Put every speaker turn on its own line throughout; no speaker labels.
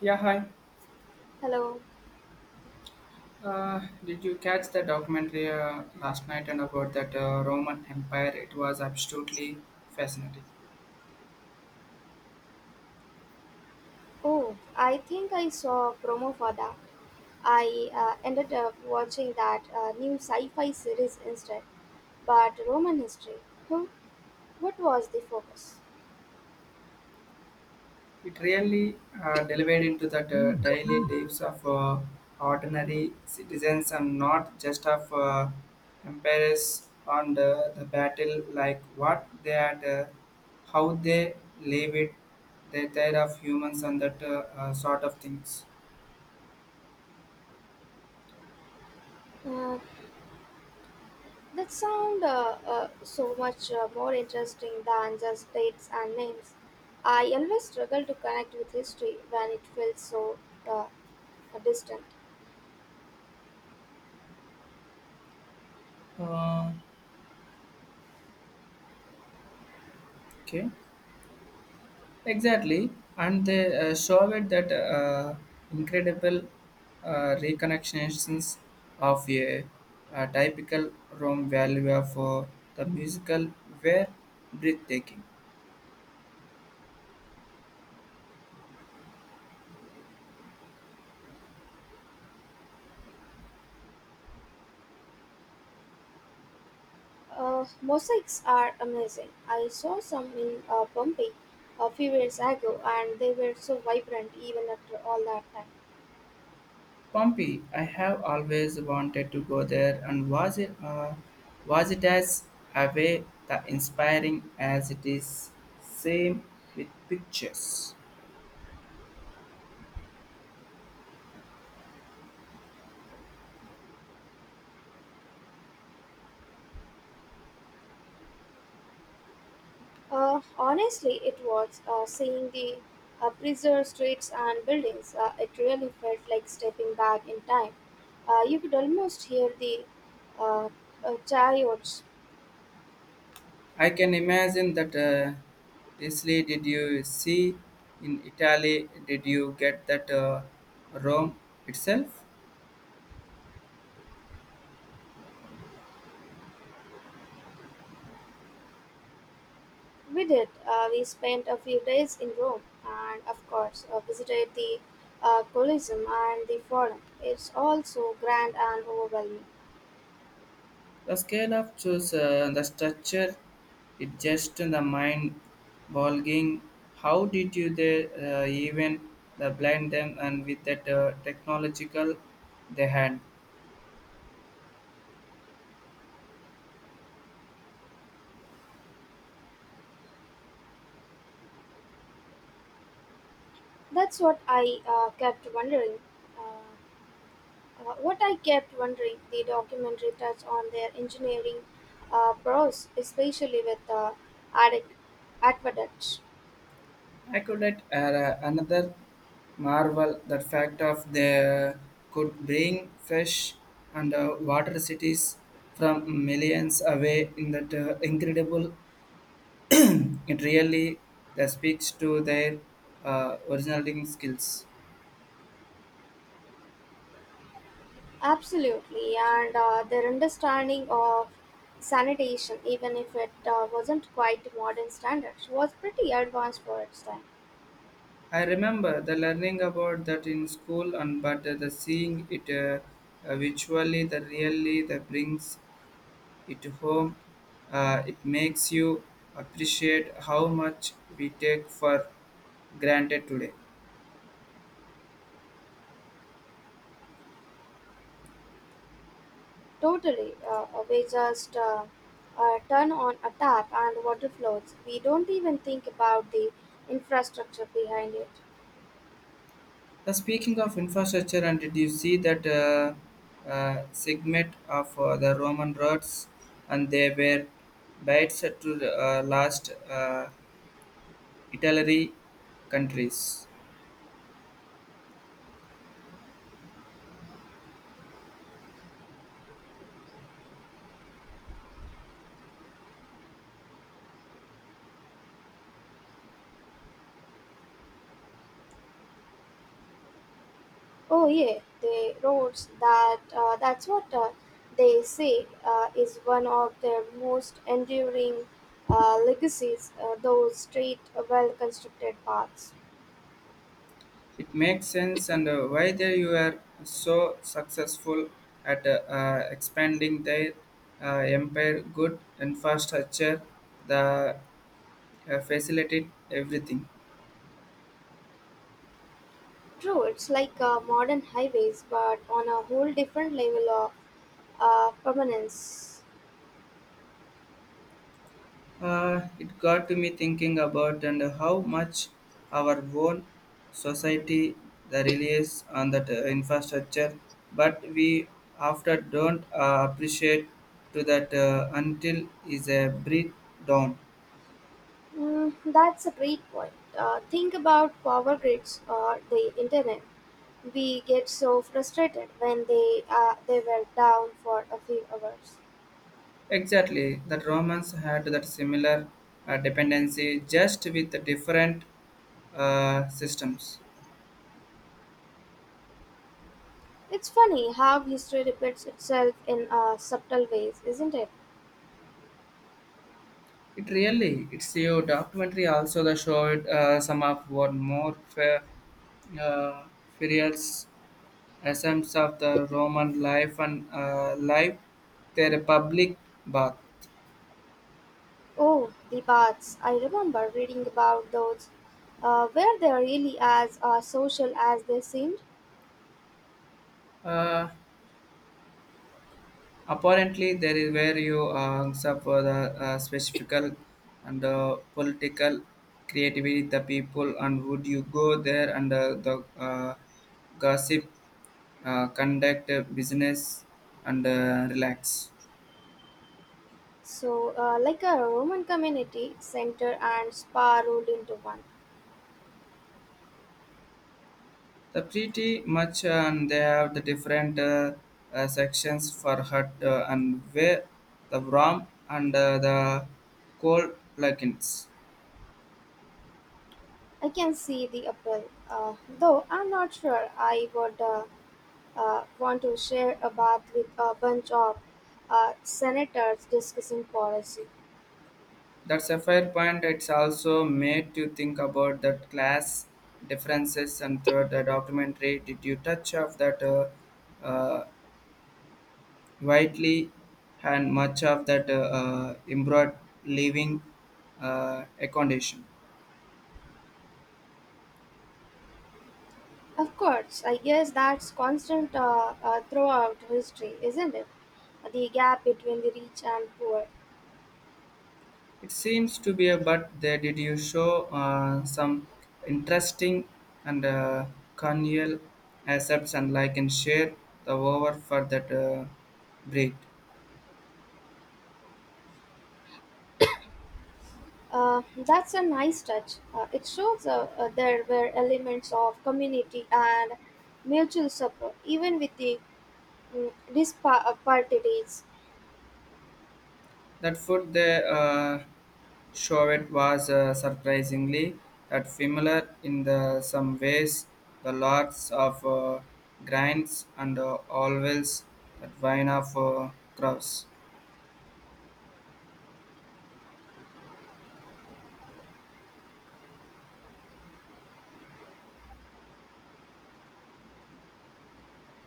Yeah, hi.
Hello.
Did you catch the documentary last night and about that Roman Empire? It was absolutely fascinating.
Oh, I think I saw a promo for that. I ended up watching that new sci fi series instead, but Roman history. Hmm. What was the focus?
It really delivered into the daily lives of ordinary citizens and not just of empires on the battle, like what they had, how they live it, the tide of humans and that sort of things.
Uh, that sound so much more interesting than just dates and names. I always struggle to connect with history when it feels so uh, distant.
Uh, okay. Exactly, and they showed that incredible reconnections of a typical Rome value for the musical were breathtaking.
Mosaics are amazing. I saw some in Pompeii a few years ago, and they were so vibrant even after all that time.
Pompey, I have always wanted to go there, and was it as away the inspiring as it is same with pictures.
Honestly, it was seeing the preserved streets and buildings. It really felt like stepping back in time. You could almost hear the uh, chariots.
I can imagine that Italy did you see in Italy did you get that Rome itself
We did. We spent a few days in Rome and, of course, visited the Colosseum and the Forum. It's all so grand and overwhelming.
the scale of choose the structure it just the mind boggling how did you there even the blind them and with that technological they had.
That's what I kept wondering. Uh, the documentary touched on their engineering prowess, especially with aqueduct- aqueducts.
Accurate are another marvel. The fact of they could bring fresh and water cities from millions away in that incredible. It really that speaks to their originating skills.
Absolutely, and their understanding of sanitation, even if it wasn't quite modern standards, was pretty advanced for its time.
I remember the learning about that in school, and but the seeing it visually, the really that brings it home, it makes you appreciate how much we take for granted today.
Totally, we just turn on a tap and water flows. We don't even think about the infrastructure behind it.
Now, speaking of infrastructure, and did you see that segment of the Roman roads, and they were bites to the last Italy countries?
Oh yeah, the roads. That's what they say is one of their most enduring legacies. Those straight, well constructed paths.
It makes sense, and why they you are so successful at expanding their empire. Good infrastructure, the facilitate everything.
True, it's like modern highways, but on a whole different level of permanence.
It got to me thinking about and how much our own society the relies on that infrastructure, but we after don't appreciate to that until is a breakdown.
Mm, that's a great point. Think about power grids or the internet. We get so frustrated when they were down for a few hours.
Exactly, the Romans had that similar dependency, just with the different systems.
It's funny how history repeats itself in subtle ways, isn't it?
It really, it's a documentary also that showed some of what more fair, uh, furious essence of the Roman life and life, their public bath.
Oh, the baths! I remember reading about those. Were they really as social as they seemed?
Uh, Apparently, there is where you hangs up for the specific and political creativity, the people, and would you go there and the gossip, conduct business, and relax.
So, like a Roman community center and spa rolled into one.
The pretty much, and they have the different sections for hut and where the warm and the cold plugins.
I can see the appeal. Though I'm not sure I would want to share a bath with a bunch of senators discussing policy.
That's a fair point. It's also made you think about that class differences and third, the documentary. Did you touch of that uh, widely and much of that embroidered living accommodation?
Of course, I guess that's constant throughout history, isn't it? The gap between the rich and poor.
It seems to be a but there did you show some interesting and corneal accepts and like and share the over for that breed.
That's a nice touch. It shows there were elements of community and mutual support, even with the disparities.
That food they showed was surprisingly that familiar in the some ways. The lots of grinds and always that wine of crops.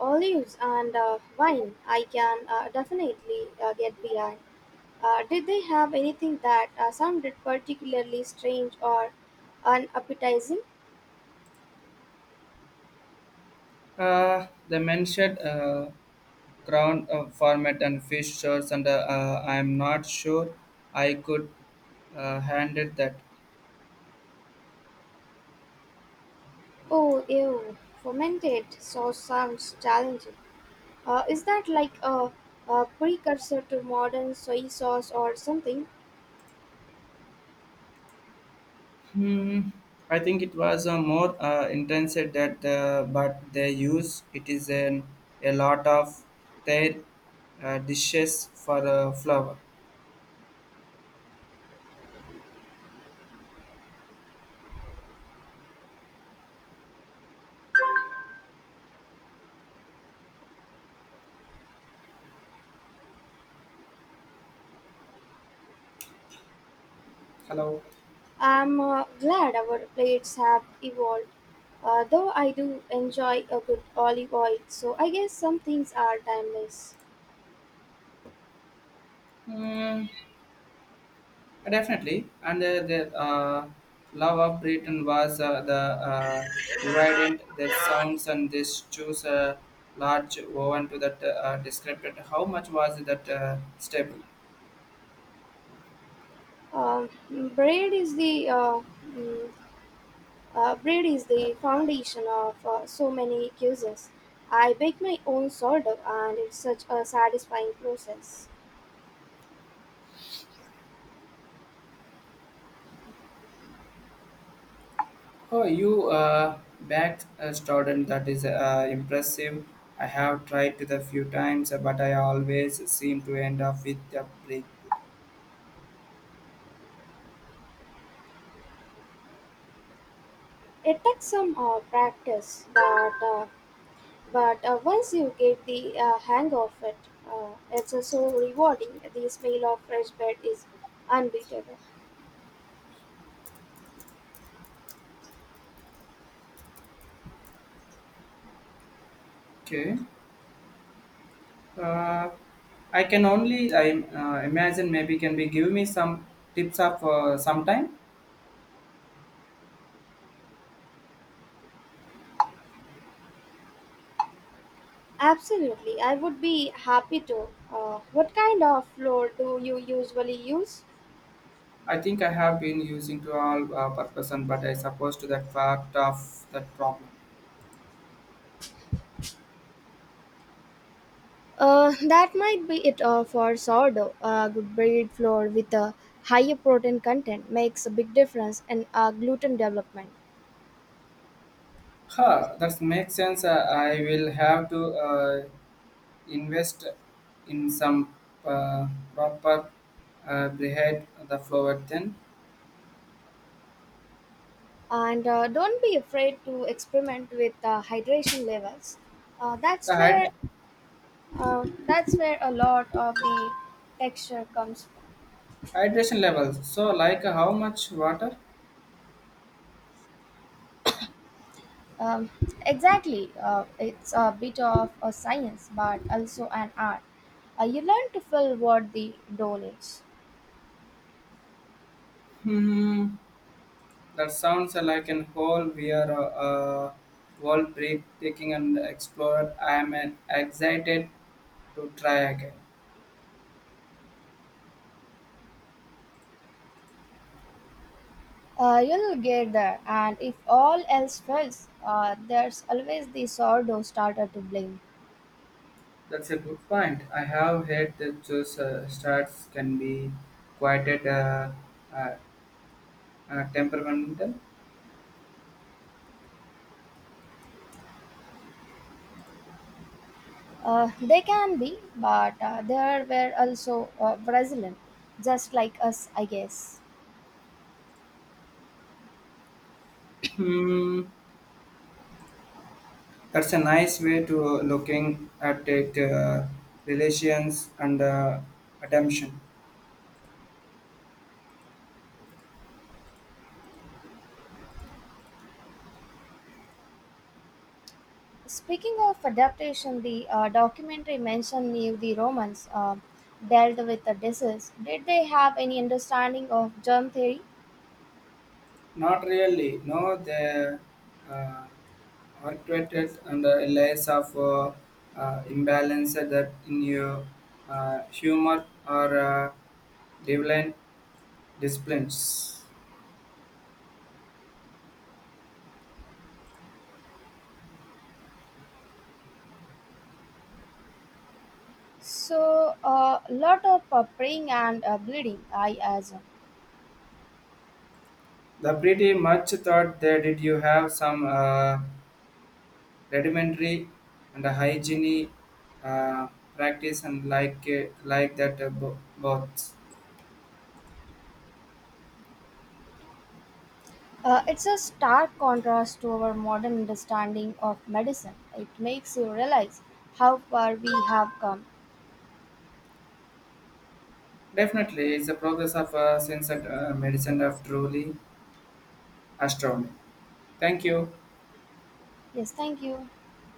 Olives and wine. I can definitely get behind. Did they have anything that sounded particularly strange or unappetizing?
The mentioned ground format and fish shores, and I am not sure I could handle that.
Oh, ew, fermented sauce sounds challenging. Is that like a precursor to modern soy sauce or something?
I think it was a more intense at that but they use it is an, a lot of their dishes for flour. Hello.
I'm glad our plates have evolved, though I do enjoy a good olive oil, so I guess some things are timeless.
Mm, definitely, and the love of Britain was the uh, evident their sounds and this choose a large oven to that described it. How much was that stable.
Um, bread is the uh, mm, Bread is the foundation of so many cuisines. I bake my own sourdough, and it's such a satisfying process.
Oh, you back a student that is impressive. I have tried to the few times, but I always seem to end up with a break.
It takes some practice, but once you get the hang of it, it's so rewarding. The smell of fresh bread is unbeatable.
Okay. Uh, I can only I imagine maybe can be give me some tips of sometime.
Absolutely, I would be happy to. What kind of flour do you usually use?
I think I have been using to all purpose, and but I suppose to that fact of that problem.
That might be it for sourdough. A good bread flour with a higher protein content makes a big difference in gluten development.
Huh, that makes sense. I will have to invest in some uh, proper bread the flour then
And don't be afraid to experiment with hydration levels. Uh,
the
that's
hyd-
where that's where a lot of the texture comes from.
hydration levels so like how much water.
Um, exactly. It's a bit of a science, but also an art. You learn to fill what the dough needs.
Hmm, that sounds like an whole we are uh, world breathtaking and explored. I am excited to try again.
You'll get there, and if all else fails, there's always the sourdough starter to blame.
That's a good point. I have heard that those starts can be quite uh, uh, temperamental.
They can be, but they were also Brazilian, just like us, I guess.
Hmm. That's a nice way to looking at it. Relations and attention.
Speaking of adaptation, the documentary mentioned if the Romans dealt with the disease. Did they have any understanding of germ theory?
Not really. No, the uh, arbitrated and layers of imbalance that in your humor or divine disciplines.
So, a lot of praying and bleeding, I assume.
The pretty much thought that did you have some rudimentary and hygiene uh, practice and like that both.
It's a stark contrast to our modern understanding of medicine. It makes you realize how far we have come.
Definitely, it's the progress of science and medicine of truly astounding. Thank you.
Yes, thank you.